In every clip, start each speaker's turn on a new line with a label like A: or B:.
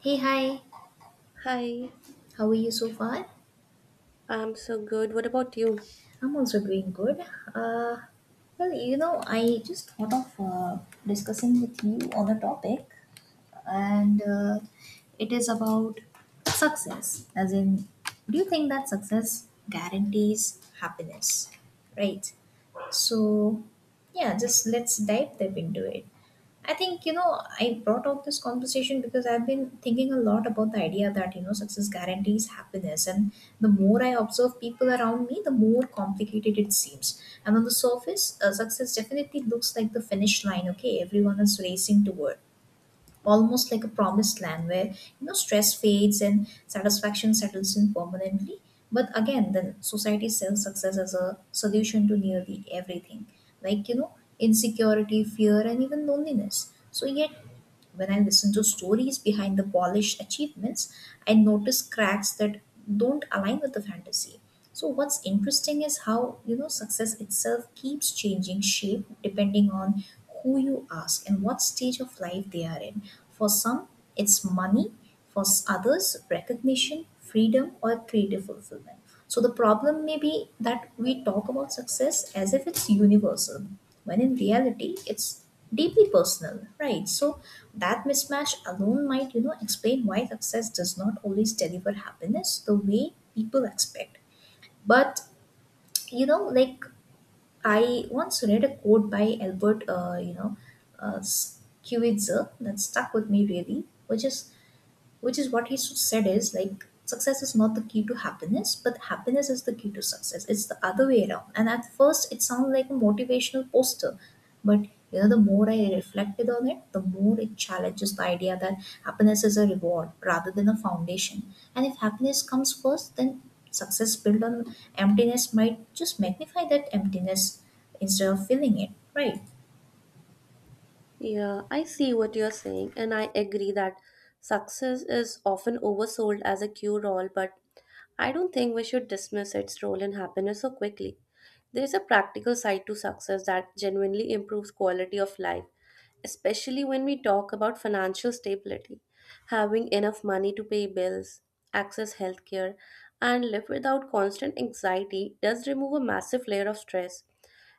A: Hey, hi.
B: Hi,
A: How are you so far?
B: I'm so good. What about you?
A: I'm also doing good. Uh, I just thought of discussing with you on a topic, and it is about success. As in, do you think that success guarantees happiness? Right. So, yeah, just let's dive deep into it. I think, you know, I brought up this conversation because I've been thinking a lot about the idea that, you know, success guarantees happiness. And the more I observe people around me, the more complicated it seems. And on the surface, success definitely looks like the finish line, okay? Everyone is racing toward almost like a promised land where, you know, stress fades and satisfaction settles in permanently. But again, then society sells success as a solution to nearly everything, like, you know, insecurity, fear, and even loneliness. So yet, when I listen to stories behind the polished achievements, I notice cracks that don't align with the fantasy. So what's interesting is how, you know, success itself keeps changing shape depending on who you ask and what stage of life they are in. For some, it's money, others, recognition, freedom, or creative fulfillment. So the problem may be that we talk about success as if it's universal, when in reality it's deeply personal, right? So that mismatch alone might, you know, explain why success does not always deliver happiness the way people expect. But you know, like, I once read a quote by Albert, uh, Schweitzer that stuck with me really, which is what he said is like, success is not the key to happiness, but happiness is the key to success. It's the other way around. And at first it sounded like a motivational poster, but, you know, the more I reflected on it, the more it challenges the idea that happiness is a reward rather than a foundation. And if happiness comes first, then success built on emptiness might just magnify that emptiness instead of filling it, right?
B: Yeah, I see what you're saying, and I agree that success is often oversold as a cure all, but I don't think we should dismiss its role in happiness so quickly. There is a practical side to success that genuinely improves quality of life, especially when we talk about financial stability, having enough money to pay bills, access healthcare, and live without constant anxiety does remove a massive layer of stress.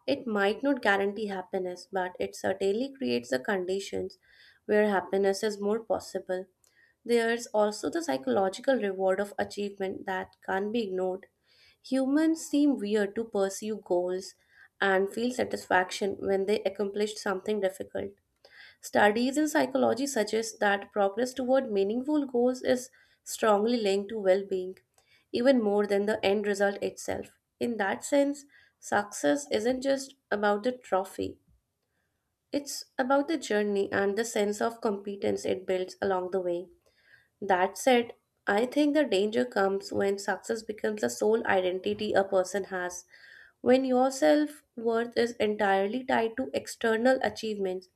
B: It might not guarantee happiness, but it certainly creates the conditions where happiness is more possible. There's also the psychological reward of achievement that can't be ignored. Humans seem weird to pursue goals and feel satisfaction when they accomplish something difficult. Studies in psychology suggest that progress toward meaningful goals is strongly linked to well being, even more than the end result itself. In that sense, success isn't just about the trophy, it's about the journey and the sense of competence it builds along the way. That said, I think the danger comes when success becomes the sole identity a person has. When your self worth is entirely tied to external achievements,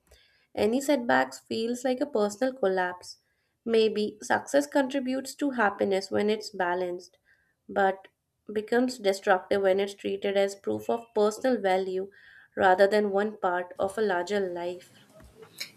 B: any setbacks feels like a personal collapse. Maybe success contributes to happiness when it's balanced, but becomes destructive when it's treated as proof of personal value rather than one part of a larger life.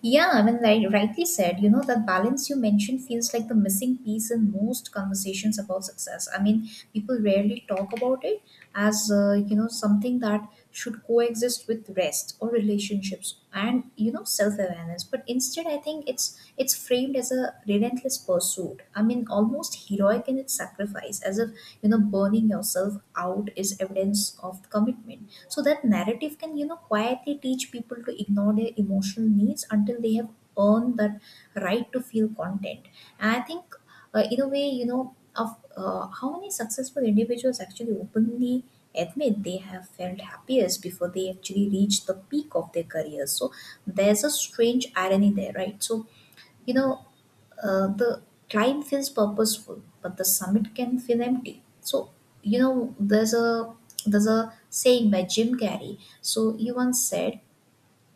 A: Yeah, I mean, like, rightly said, you know, that balance you mentioned feels like the missing piece in most conversations about success. I mean, people rarely talk about it as, something that should coexist with rest or relationships and, you know, self-awareness. But instead, I think it's framed as a relentless pursuit. I mean, almost heroic in its sacrifice, as if, you know, burning yourself out is evidence of commitment. So that narrative can, you know, quietly teach people to ignore their emotional needs until they have earned that right to feel content. And I think, in a way, you know, of how many successful individuals actually openly admit they have felt happiest before they actually reach the peak of their careers. So there's a strange irony there, right? You know, the climb feels purposeful, but the summit can feel empty. So, you know, there's a saying by Jim Carrey. So he once said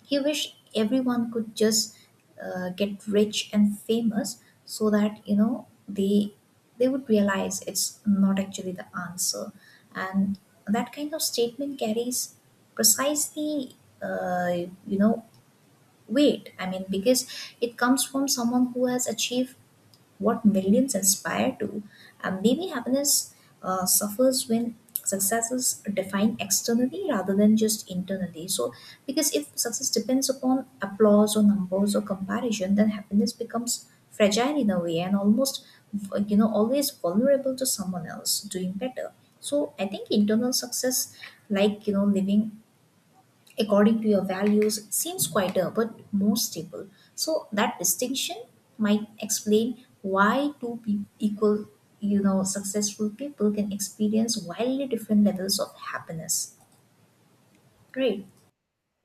A: he wished everyone could just get rich and famous, so that, you know, they would realize it's not actually the answer. And that kind of statement carries precisely, you know, weight. I mean, because it comes from someone who has achieved what millions aspire to. And maybe happiness suffers when success is defined externally rather than just internally. So, because if success depends upon applause or numbers or comparison, then happiness becomes fragile in a way and almost, you know, always vulnerable to someone else doing better. So, I think internal success, like, you know, living according to your values seems quieter but more stable. So that distinction might explain why equal, you know, successful people can experience wildly different levels of happiness. Great.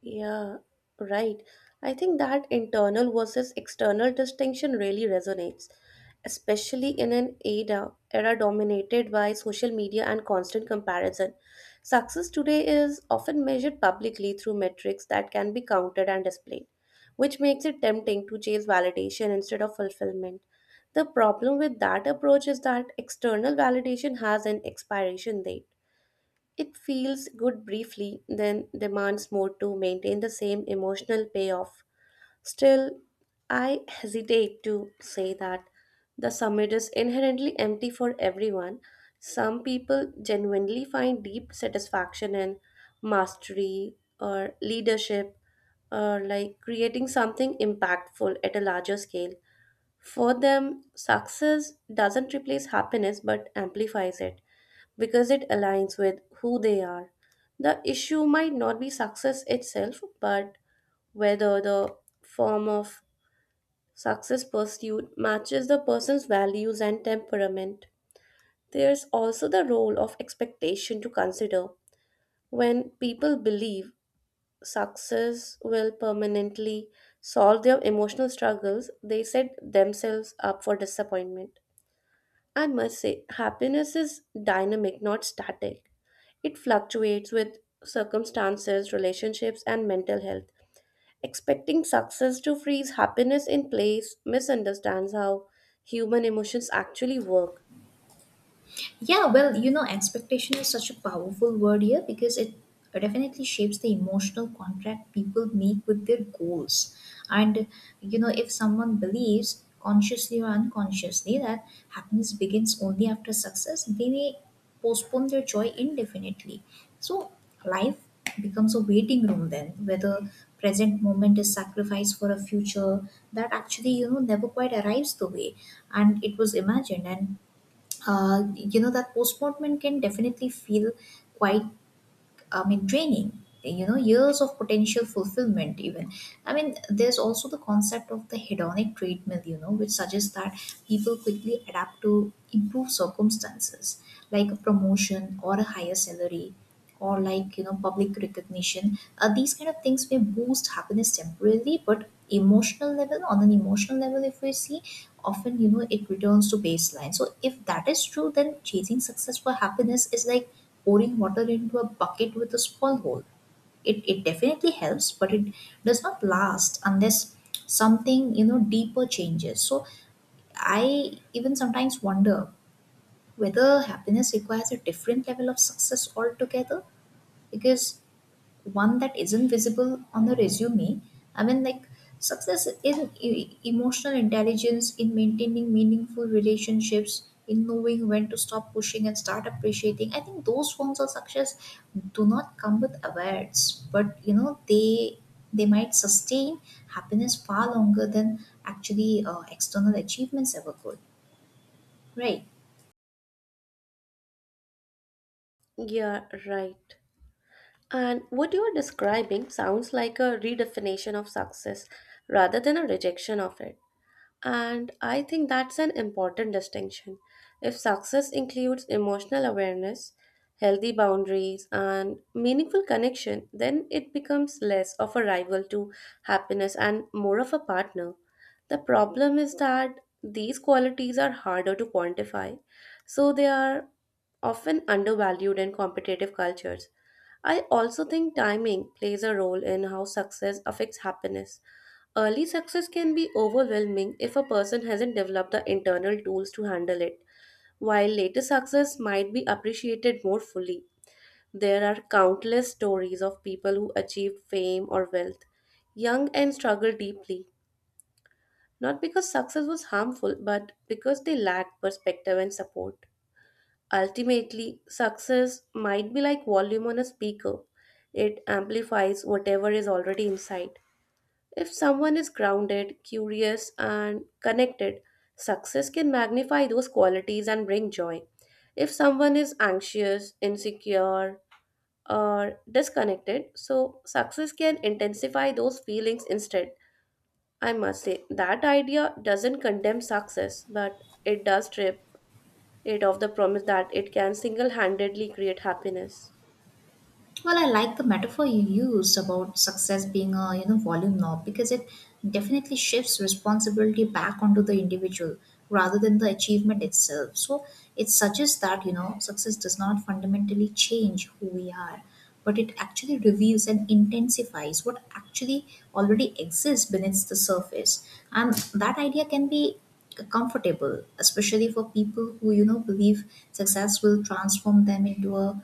B: Yeah, right. I think that internal versus external distinction really resonates, especially in an era dominated by social media and constant comparison. Success today is often measured publicly through metrics that can be counted and displayed, which makes it tempting to chase validation instead of fulfillment. The problem with that approach is that external validation has an expiration date. It feels good briefly, then demands more to maintain the same emotional payoff. Still, I hesitate to say that the summit is inherently empty for everyone. Some people genuinely find deep satisfaction in mastery or leadership, or like creating something impactful at a larger scale. For them, success doesn't replace happiness but amplifies it because it aligns with who they are. The issue might not be success itself, but whether the form of success pursued matches the person's values and temperament. There's also the role of expectation to consider. When people believe success will permanently solve their emotional struggles, they set themselves up for disappointment. I must say, happiness is dynamic, not static. It fluctuates with circumstances, relationships, and mental health. Expecting success to freeze happiness in place misunderstands how human emotions actually work.
A: Yeah, well, you know, expectation is such a powerful word here because it definitely shapes the emotional contract people make with their goals. And, you know, if someone believes consciously or unconsciously that happiness begins only after success, they may postpone their joy indefinitely. So, life becomes a waiting room then, where the present moment is sacrificed for a future that actually, you know, never quite arrives the way and it was imagined. And you know, that postponement can definitely feel quite, I mean, draining, you know, years of potential fulfillment, even. I mean, there's also the concept of the hedonic treadmill, you know, which suggests that people quickly adapt to improve circumstances, like a promotion or a higher salary or, like, you know, public recognition. These kind of things may boost happiness temporarily, but on an emotional level, if we see, often, you know, it returns to baseline. So if that is true, then chasing success for happiness is like pouring water into a bucket with a small hole. It definitely helps, but it does not last unless something, you know, deeper changes. So I even sometimes wonder whether happiness requires a different level of success altogether, because one that isn't visible on the resume. I mean, like success in emotional intelligence, in maintaining meaningful relationships, in knowing when to stop pushing and start appreciating. I think those forms of success do not come with awards, but you know, they might sustain happiness far longer than actually external achievements ever could. Right.
B: Yeah, right. And what you are describing sounds like a redefinition of success rather than a rejection of it. And I think that's an important distinction. If success includes emotional awareness, healthy boundaries, and meaningful connection, then it becomes less of a rival to happiness and more of a partner. The problem is that these qualities are harder to quantify, so they are often undervalued in competitive cultures. I also think timing plays a role in how success affects happiness. Early success can be overwhelming if a person hasn't developed the internal tools to handle it, while later success might be appreciated more fully. There are countless stories of people who achieved fame or wealth young and struggled deeply, not because success was harmful, but because they lacked perspective and support. Ultimately, success might be like volume on a speaker. It amplifies whatever is already inside. If someone is grounded, curious, and connected, success can magnify those qualities and bring joy. If someone is anxious, insecure, or disconnected, so success can intensify those feelings instead. I must say, that idea doesn't condemn success, but it does strip it of the promise that it can single handedly create happiness.
A: Well, I like the metaphor you used about success being a, you know, volume knob, because it definitely shifts responsibility back onto the individual rather than the achievement itself. So it suggests that, you know, success does not fundamentally change who we are, but it actually reveals and intensifies what actually already exists beneath the surface. And that idea can be comfortable, especially for people who, you know, believe success will transform them into a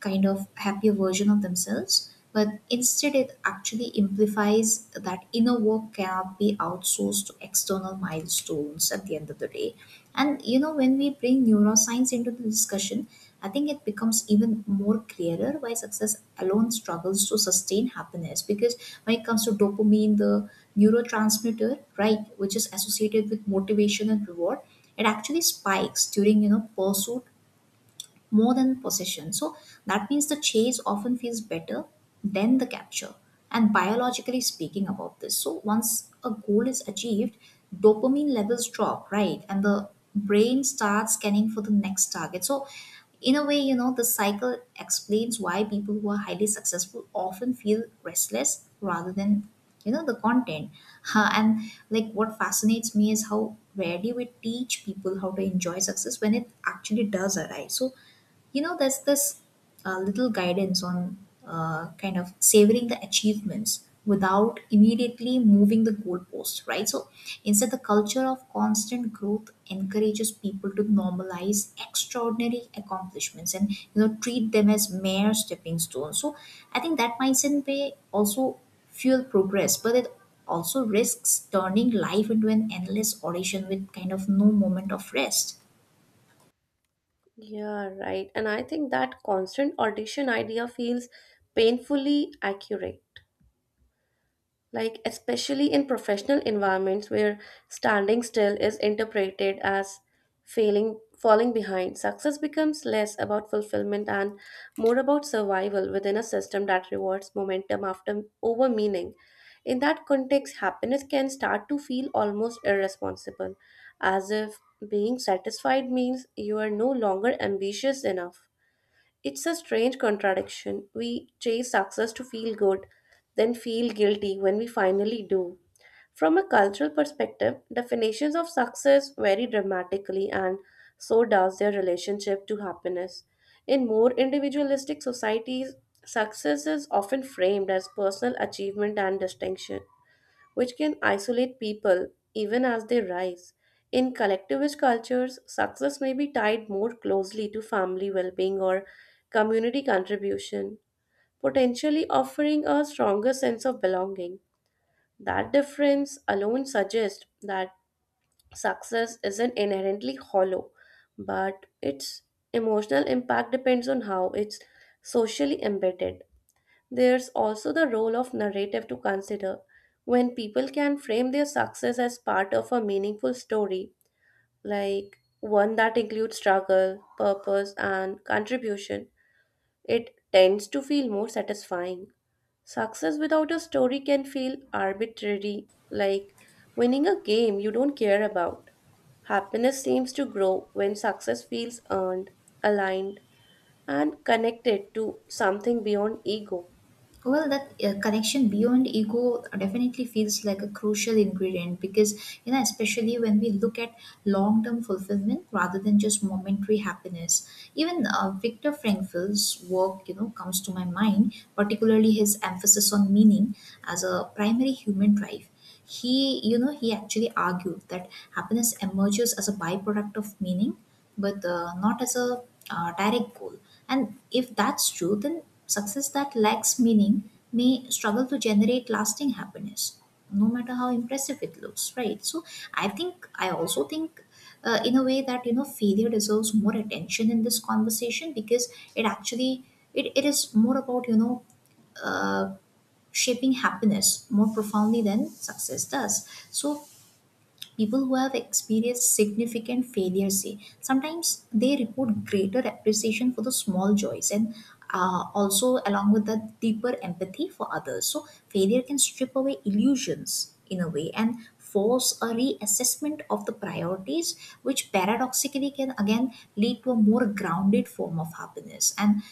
A: kind of happier version of themselves. But instead, it actually implies that inner work cannot be outsourced to external milestones at the end of the day. And you know, when we bring neuroscience into the discussion, I think it becomes even more clearer why success alone struggles to sustain happiness. Because when it comes to dopamine, the neurotransmitter, right, which is associated with motivation and reward, it actually spikes during, you know, pursuit more than possession. So that means the chase often feels better than the capture. And biologically speaking about this, so once a goal is achieved, dopamine levels drop, right? And the brain starts scanning for the next target. So in a way, you know, the cycle explains why people who are highly successful often feel restless rather than, you know, the content. Huh, and Like, what fascinates me is how rarely we teach people how to enjoy success when it actually does arrive. So, you know, there's this little guidance on kind of savoring the achievements without immediately moving the goalpost, right? So instead, the culture of constant growth encourages people to normalize extraordinary accomplishments and, you know, treat them as mere stepping stones. So I think that mindset may also fuel progress, but it also risks turning life into an endless audition with kind of no moment of rest.
B: Yeah, right. And I think that constant audition idea feels painfully accurate, like especially in professional environments where standing still is interpreted as failing, falling behind. Success becomes less about fulfillment and more about survival within a system that rewards momentum after over meaning. In that context happiness can start to feel almost irresponsible, as if being satisfied means you are no longer ambitious enough. It's a strange contradiction. We chase success to feel good, then feel guilty when we finally do. From a cultural perspective, definitions of success vary dramatically, and so does their relationship to happiness. In more individualistic societies, success is often framed as personal achievement and distinction, which can isolate people even as they rise. In collectivist cultures, success may be tied more closely to family well being or community contribution, potentially offering a stronger sense of belonging. That difference alone suggests that success isn't inherently hollow, but its emotional impact depends on how it's socially embedded. There's also the role of narrative to consider. When people can frame their success as part of a meaningful story, like one that includes struggle, purpose, and contribution, it tends to feel more satisfying. Success without a story can feel arbitrary, like winning a game you don't care about. Happiness seems to grow when success feels earned, aligned, and connected to something beyond ego.
A: Well, that connection beyond ego definitely feels like a crucial ingredient because, you know, especially when we look at long term fulfillment rather than just momentary happiness. Even Viktor Frankl's work, you know, comes to my mind, particularly his emphasis on meaning as a primary human drive. He actually argued that happiness emerges as a byproduct of meaning, but not as a direct goal. And if that's true, then success that lacks meaning may struggle to generate lasting happiness, no matter how impressive it looks, right? So I also think in a way that, you know, failure deserves more attention in this conversation because it actually, it is more about, you know, uh, shaping happiness more profoundly than success does. So people who have experienced significant failure say sometimes they report greater appreciation for the small joys and, also along with that, deeper empathy for others. So failure can strip away illusions in a way and force a reassessment of the priorities, which paradoxically can again lead to a more grounded form of happiness. And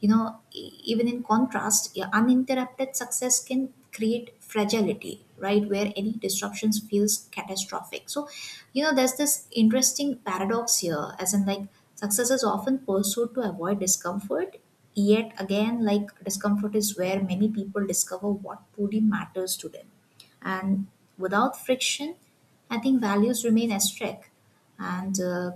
A: you know, even in contrast, yeah, uninterrupted success can create fragility, right, where any disruptions feels catastrophic. So you know, there's this interesting paradox here, as in, like, success is often pursued to avoid discomfort, yet again, like, discomfort is where many people discover what truly matters to them. And without friction, I think values remain asterisk. and uh,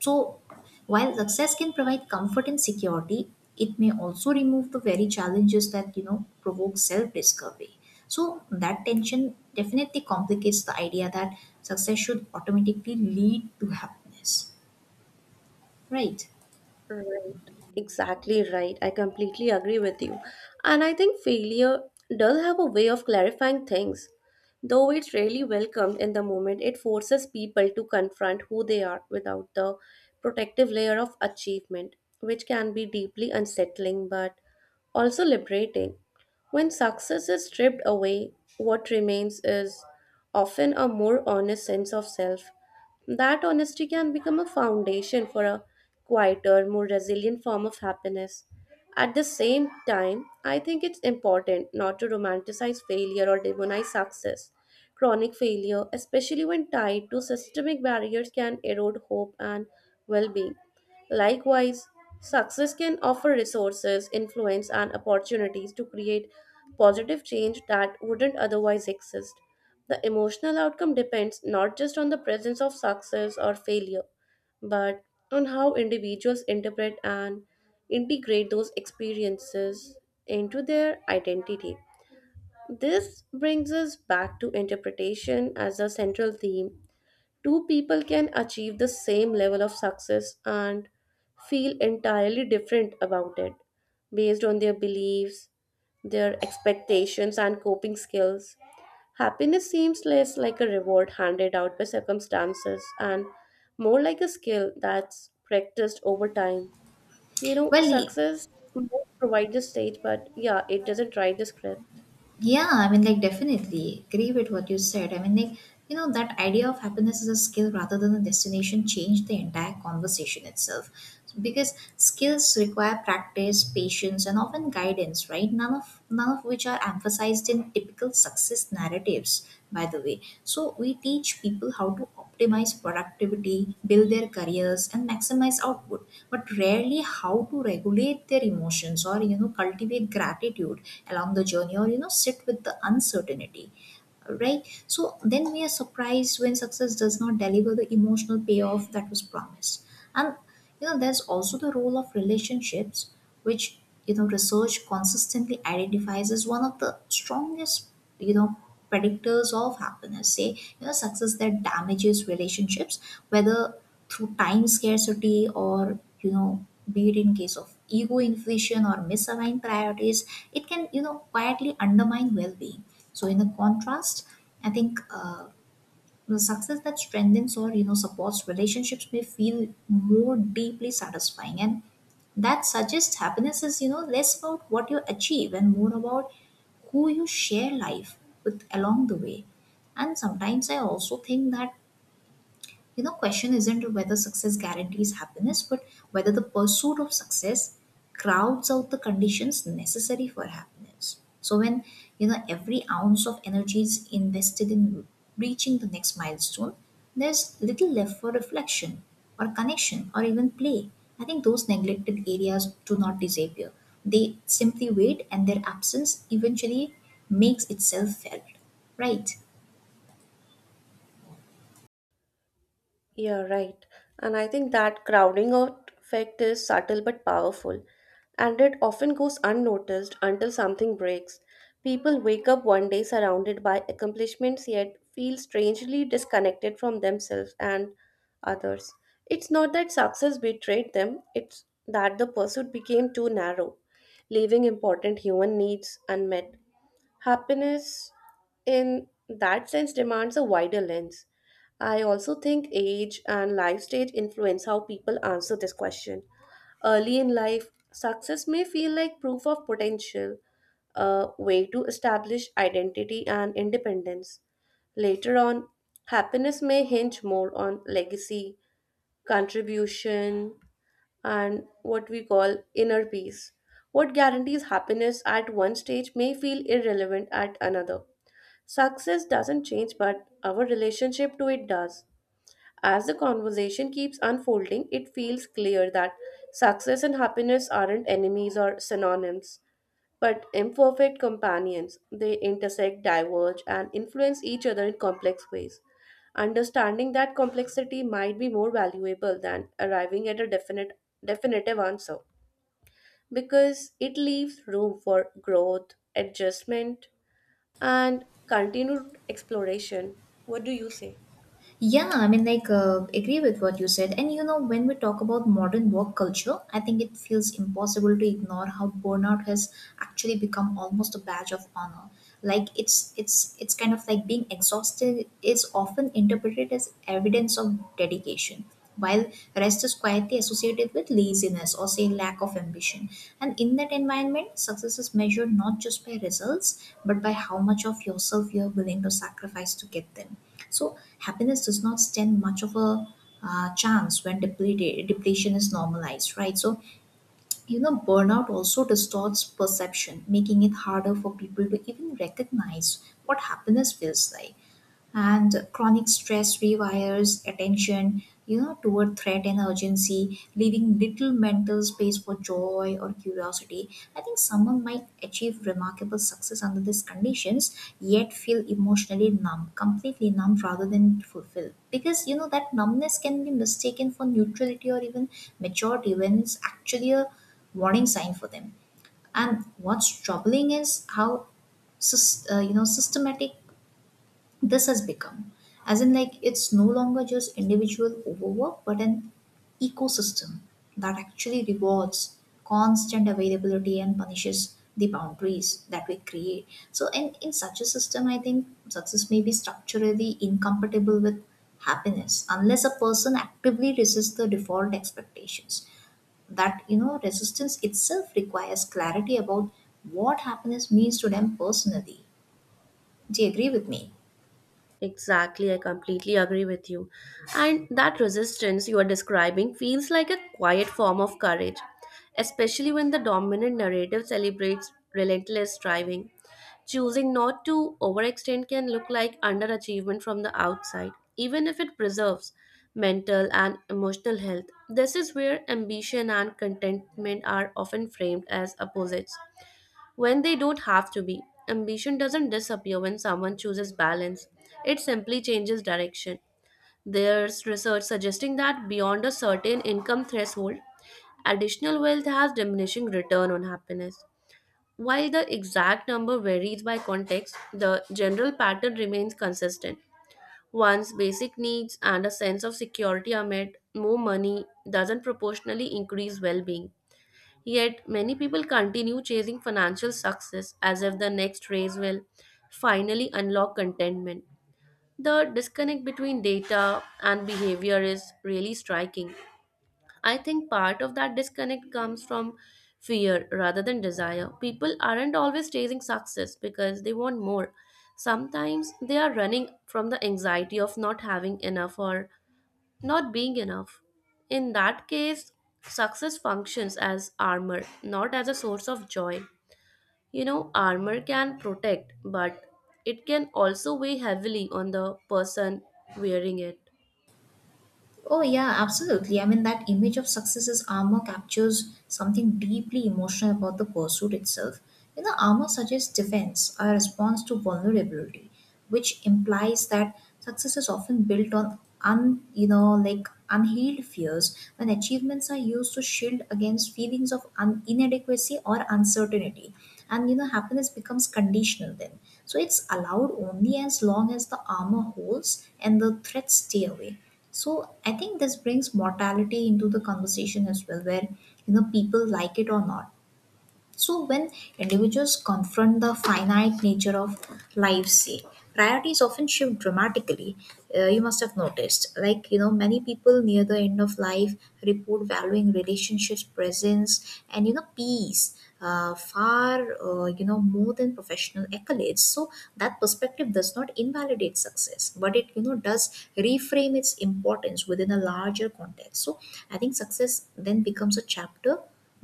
A: so, while success can provide comfort and security, it may also remove the very challenges that, you know, provoke self-discovery. So that tension definitely complicates the idea that success should automatically lead to happiness, right?
B: Right, exactly right. I completely agree with you. And I think failure does have a way of clarifying things. Though it's rarely welcomed in the moment, it forces people to confront who they are without the protective layer of achievement, which can be deeply unsettling but also liberating. When success is stripped away, what remains is often a more honest sense of self. That honesty can become a foundation for a quieter, more resilient form of happiness. At the same time, I think it's important not to romanticize failure or demonize success. Chronic failure, especially when tied to systemic barriers, can erode hope and well being. Likewise, success can offer resources, influence, and opportunities to create positive change that wouldn't otherwise exist. The emotional outcome depends not just on the presence of success or failure, but on how individuals interpret and integrate those experiences into their identity. This brings us back to interpretation as a central theme. Two people can achieve the same level of success and feel entirely different about it based on their beliefs, their expectations, and coping skills. Happiness seems less like a reward handed out by circumstances and more like a skill that's practiced over time. You know,
A: Well,
B: success might provide the stage, but yeah, it doesn't write the script.
A: Yeah, I mean, like, definitely agree with what you said. I mean, like, that idea of happiness as a skill rather than a destination changed the entire conversation itself. Because skills require practice, patience, and often guidance, right? None of which are emphasized in typical success narratives, by the way. So we teach people how to optimize productivity, build their careers and maximize output, but rarely how to regulate their emotions or cultivate gratitude along the journey, or sit with the uncertainty, right? So then we are surprised when success does not deliver the emotional payoff that was promised. And there's also the role of relationships, which research consistently identifies as one of the strongest, you know predictors of happiness. Say success that damages relationships, whether through time scarcity, or be it in case of ego inflation or misaligned priorities, it can quietly undermine well-being. So in the contrast, I think the success that strengthens or supports relationships may feel more deeply satisfying, and that suggests happiness is, less about what you achieve and more about who you share life with along the way. And sometimes I also think that question isn't whether success guarantees happiness, but whether the pursuit of success crowds out the conditions necessary for happiness. So when every ounce of energy is invested in reaching the next milestone, there's little left for reflection or connection or even play. I think those neglected areas do not disappear, they simply wait, and their absence eventually makes itself felt, right?
B: Yeah, right. And I think that crowding out effect is subtle but powerful, and it often goes unnoticed until something breaks. People wake up one day surrounded by accomplishments yet feel strangely disconnected from themselves and others. It's not that success betrayed them, it's that the pursuit became too narrow, leaving important human needs unmet. Happiness, in that sense, demands a wider lens. I also think age and life stage influence how people answer this question. Early in life, success may feel like proof of potential, a way to establish identity and independence. Later on, happiness may hinge more on legacy, contribution, and what we call inner peace. What guarantees happiness at one stage may feel irrelevant at another. Success doesn't change, but our relationship to it does. As the conversation keeps unfolding, it feels clear that success and happiness aren't enemies or synonyms, but imperfect companions. They intersect, diverge, and influence each other in complex ways. Understanding that complexity might be more valuable than arriving at a definite definitive answer, because it leaves room for growth, adjustment, and continued exploration. What do you say?
A: Yeah, I mean, like, agree with what you said. And when we talk about modern work culture, I think it feels impossible to ignore how burnout has actually become almost a badge of honor. Like, it's kind of like being exhausted is often interpreted as evidence of dedication, while rest is quietly associated with laziness or say lack of ambition. And in that environment, success is measured not just by results, but by how much of yourself you are willing to sacrifice to get them. So happiness does not stand much of a chance when depleted, depletion is normalized, right? So burnout also distorts perception, making it harder for people to even recognize what happiness feels like. And chronic stress rewires attention, toward threat and urgency, leaving little mental space for joy or curiosity. I think someone might achieve remarkable success under these conditions yet feel emotionally numb, completely numb, rather than fulfilled, because that numbness can be mistaken for neutrality or even maturity when it's actually a warning sign for them. And what's troubling is how systematic this has become, as in like it's no longer just individual overwork but an ecosystem that actually rewards constant availability and punishes the boundaries that we create. So in such a system, I think success may be structurally incompatible with happiness unless a person actively resists the default expectations. That resistance itself requires clarity about what happiness means to them personally. Do you agree with me?
B: Exactly, I completely agree with you. And that resistance you are describing feels like a quiet form of courage, especially when the dominant narrative celebrates relentless striving. Choosing not to overextend can look like underachievement from the outside, even if it preserves mental and emotional health. This is where ambition and contentment are often framed as opposites, when they don't have to be. Ambition doesn't disappear when someone chooses balance, it simply changes direction. There's research suggesting that beyond a certain income threshold, additional wealth has diminishing return on happiness. While the exact number varies by context, the general pattern remains consistent. Once basic needs and a sense of security are met, more money doesn't proportionally increase well being. Yet, many people continue chasing financial success as if the next raise will finally unlock contentment. The disconnect between data and behavior is really striking. I think part of that disconnect comes from fear rather than desire. People aren't always chasing success because they want more. Sometimes they are running from the anxiety of not having enough or not being enough. In that case, success functions as armor, not as a source of joy. You know, armor can protect, but it can also weigh heavily on the person wearing it.
A: Oh, yeah, absolutely. I mean, that image of success as armor captures something deeply emotional about the pursuit itself. You know, armor suggests defense, a response to vulnerability, which implies that success is often built on like unhealed fears, when achievements are used to shield against feelings of inadequacy or uncertainty. And happiness becomes conditional then. So it's allowed only as long as the armor holds and the threats stay away. So I think this brings mortality into the conversation as well, where people like it or not. So, when individuals confront the finite nature of life, say, priorities often shift dramatically. You must have noticed, like, many people near the end of life report valuing relationships, presence, and, peace, far, more than professional accolades. So, that perspective does not invalidate success, but it, does reframe its importance within a larger context. So, I think success then becomes a chapter,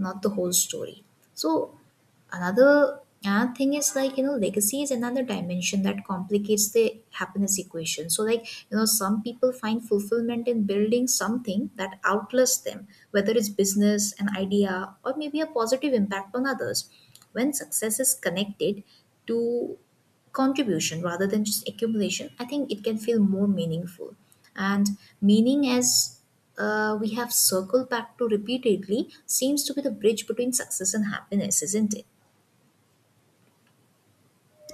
A: not the whole story. So another thing is, like, legacy is another dimension that complicates the happiness equation. So, like, some people find fulfillment in building something that outlasts them, whether it's business, an idea, or maybe a positive impact on others. When success is connected to contribution rather than just accumulation, I think it can feel more meaningful. And meaning, as we have circled back to repeatedly, seems to be the bridge between success and happiness, isn't it?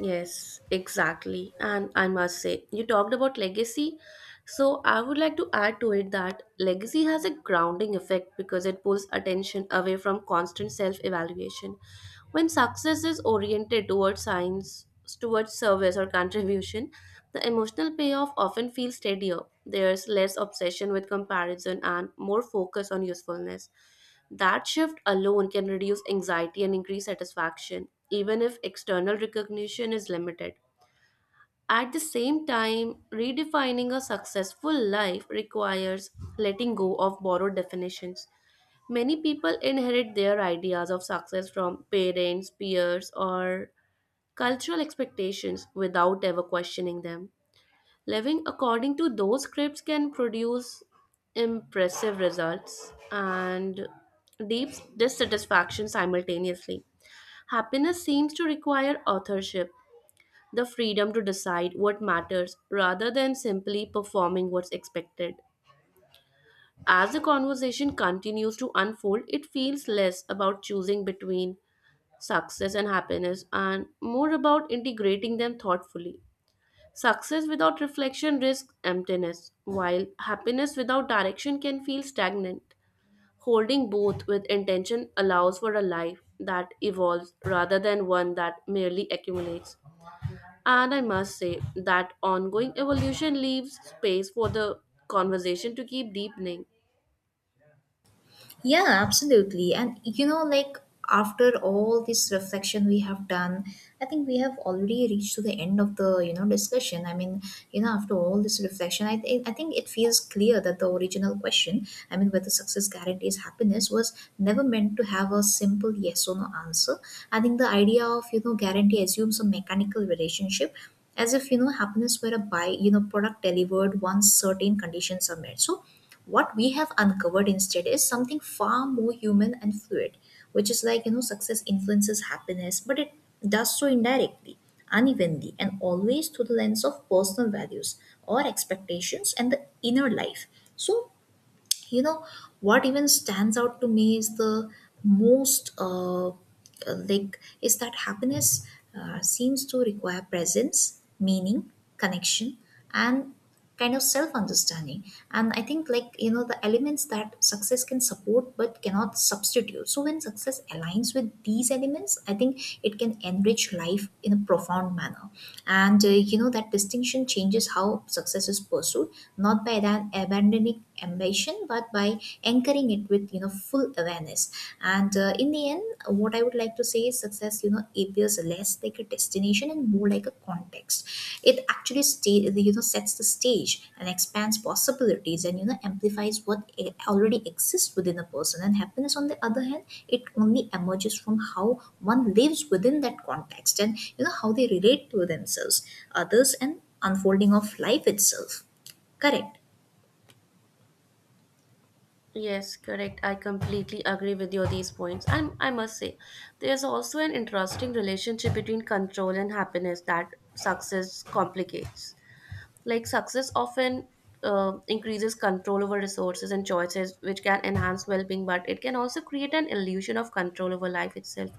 B: Yes, exactly. And I must say, you talked about legacy. So I would like to add to it that legacy has a grounding effect because it pulls attention away from constant self evaluation. When success is oriented towards science, towards service or contribution, the emotional payoff often feels steadier. There's less obsession with comparison and more focus on usefulness. That shift alone can reduce anxiety and increase satisfaction, even if external recognition is limited. At the same time, redefining a successful life requires letting go of borrowed definitions. Many people inherit their ideas of success from parents, peers, or cultural expectations without ever questioning them. Living according to those scripts can produce impressive results and deep dissatisfaction simultaneously. Happiness seems to require authorship, the freedom to decide what matters rather than simply performing what's expected. As the conversation continues to unfold, it feels less about choosing between success and happiness and more about integrating them thoughtfully. Success without reflection risks emptiness, while happiness without direction can feel stagnant. Holding both with intention allows for a life that evolves rather than one that merely accumulates. And I must say that ongoing evolution leaves space for the conversation to keep deepening.
A: Yeah, absolutely. And like, after all this reflection we have done, I think we have already reached to the end of the discussion. I mean, after all this reflection, I think it feels clear that the original question, I mean, whether success guarantees happiness, was never meant to have a simple yes or no answer. I think the idea of guarantee assumes a mechanical relationship, as if happiness were a buy, product delivered once certain conditions are met. So what we have uncovered instead is something far more human and fluid, which is like, success influences happiness, but it does so indirectly, unevenly, and always through the lens of personal values or expectations and the inner life. So you know what even stands out to me is the most like, is that happiness seems to require presence, meaning, connection, and kind of self understanding. And I think, like, the elements that success can support but cannot substitute. So when success aligns with these elements, I think it can enrich life in a profound manner. And that distinction changes how success is pursued, not by that abandoning ambition but by anchoring it with full awareness. And in the end, what I would like to say is, success appears less like a destination and more like a context. It actually sets the stage and expands possibilities and amplifies what already exists within a person. And happiness, on the other hand, it only emerges from how one lives within that context and how they relate to themselves, others, and unfolding of life itself, correct?
B: Yes, correct. I completely agree with you on these points. And I must say, there's also an interesting relationship between control and happiness that success complicates. Like success often increases control over resources and choices, which can enhance well being, but it can also create an illusion of control over life itself,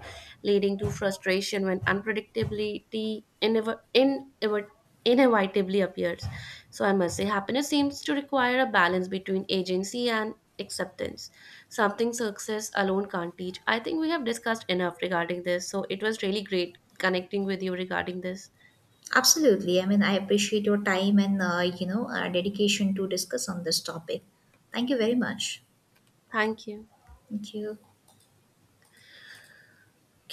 B: leading to frustration when unpredictability inevitably appears. So, I must say, happiness seems to require a balance between agency and acceptance, something success alone can't teach. I think we have discussed enough regarding this, so it was really great connecting with you regarding this.
A: Absolutely. I mean, I appreciate your time and dedication to discuss on this topic. Thank you very much.
B: Thank you.
A: Thank you.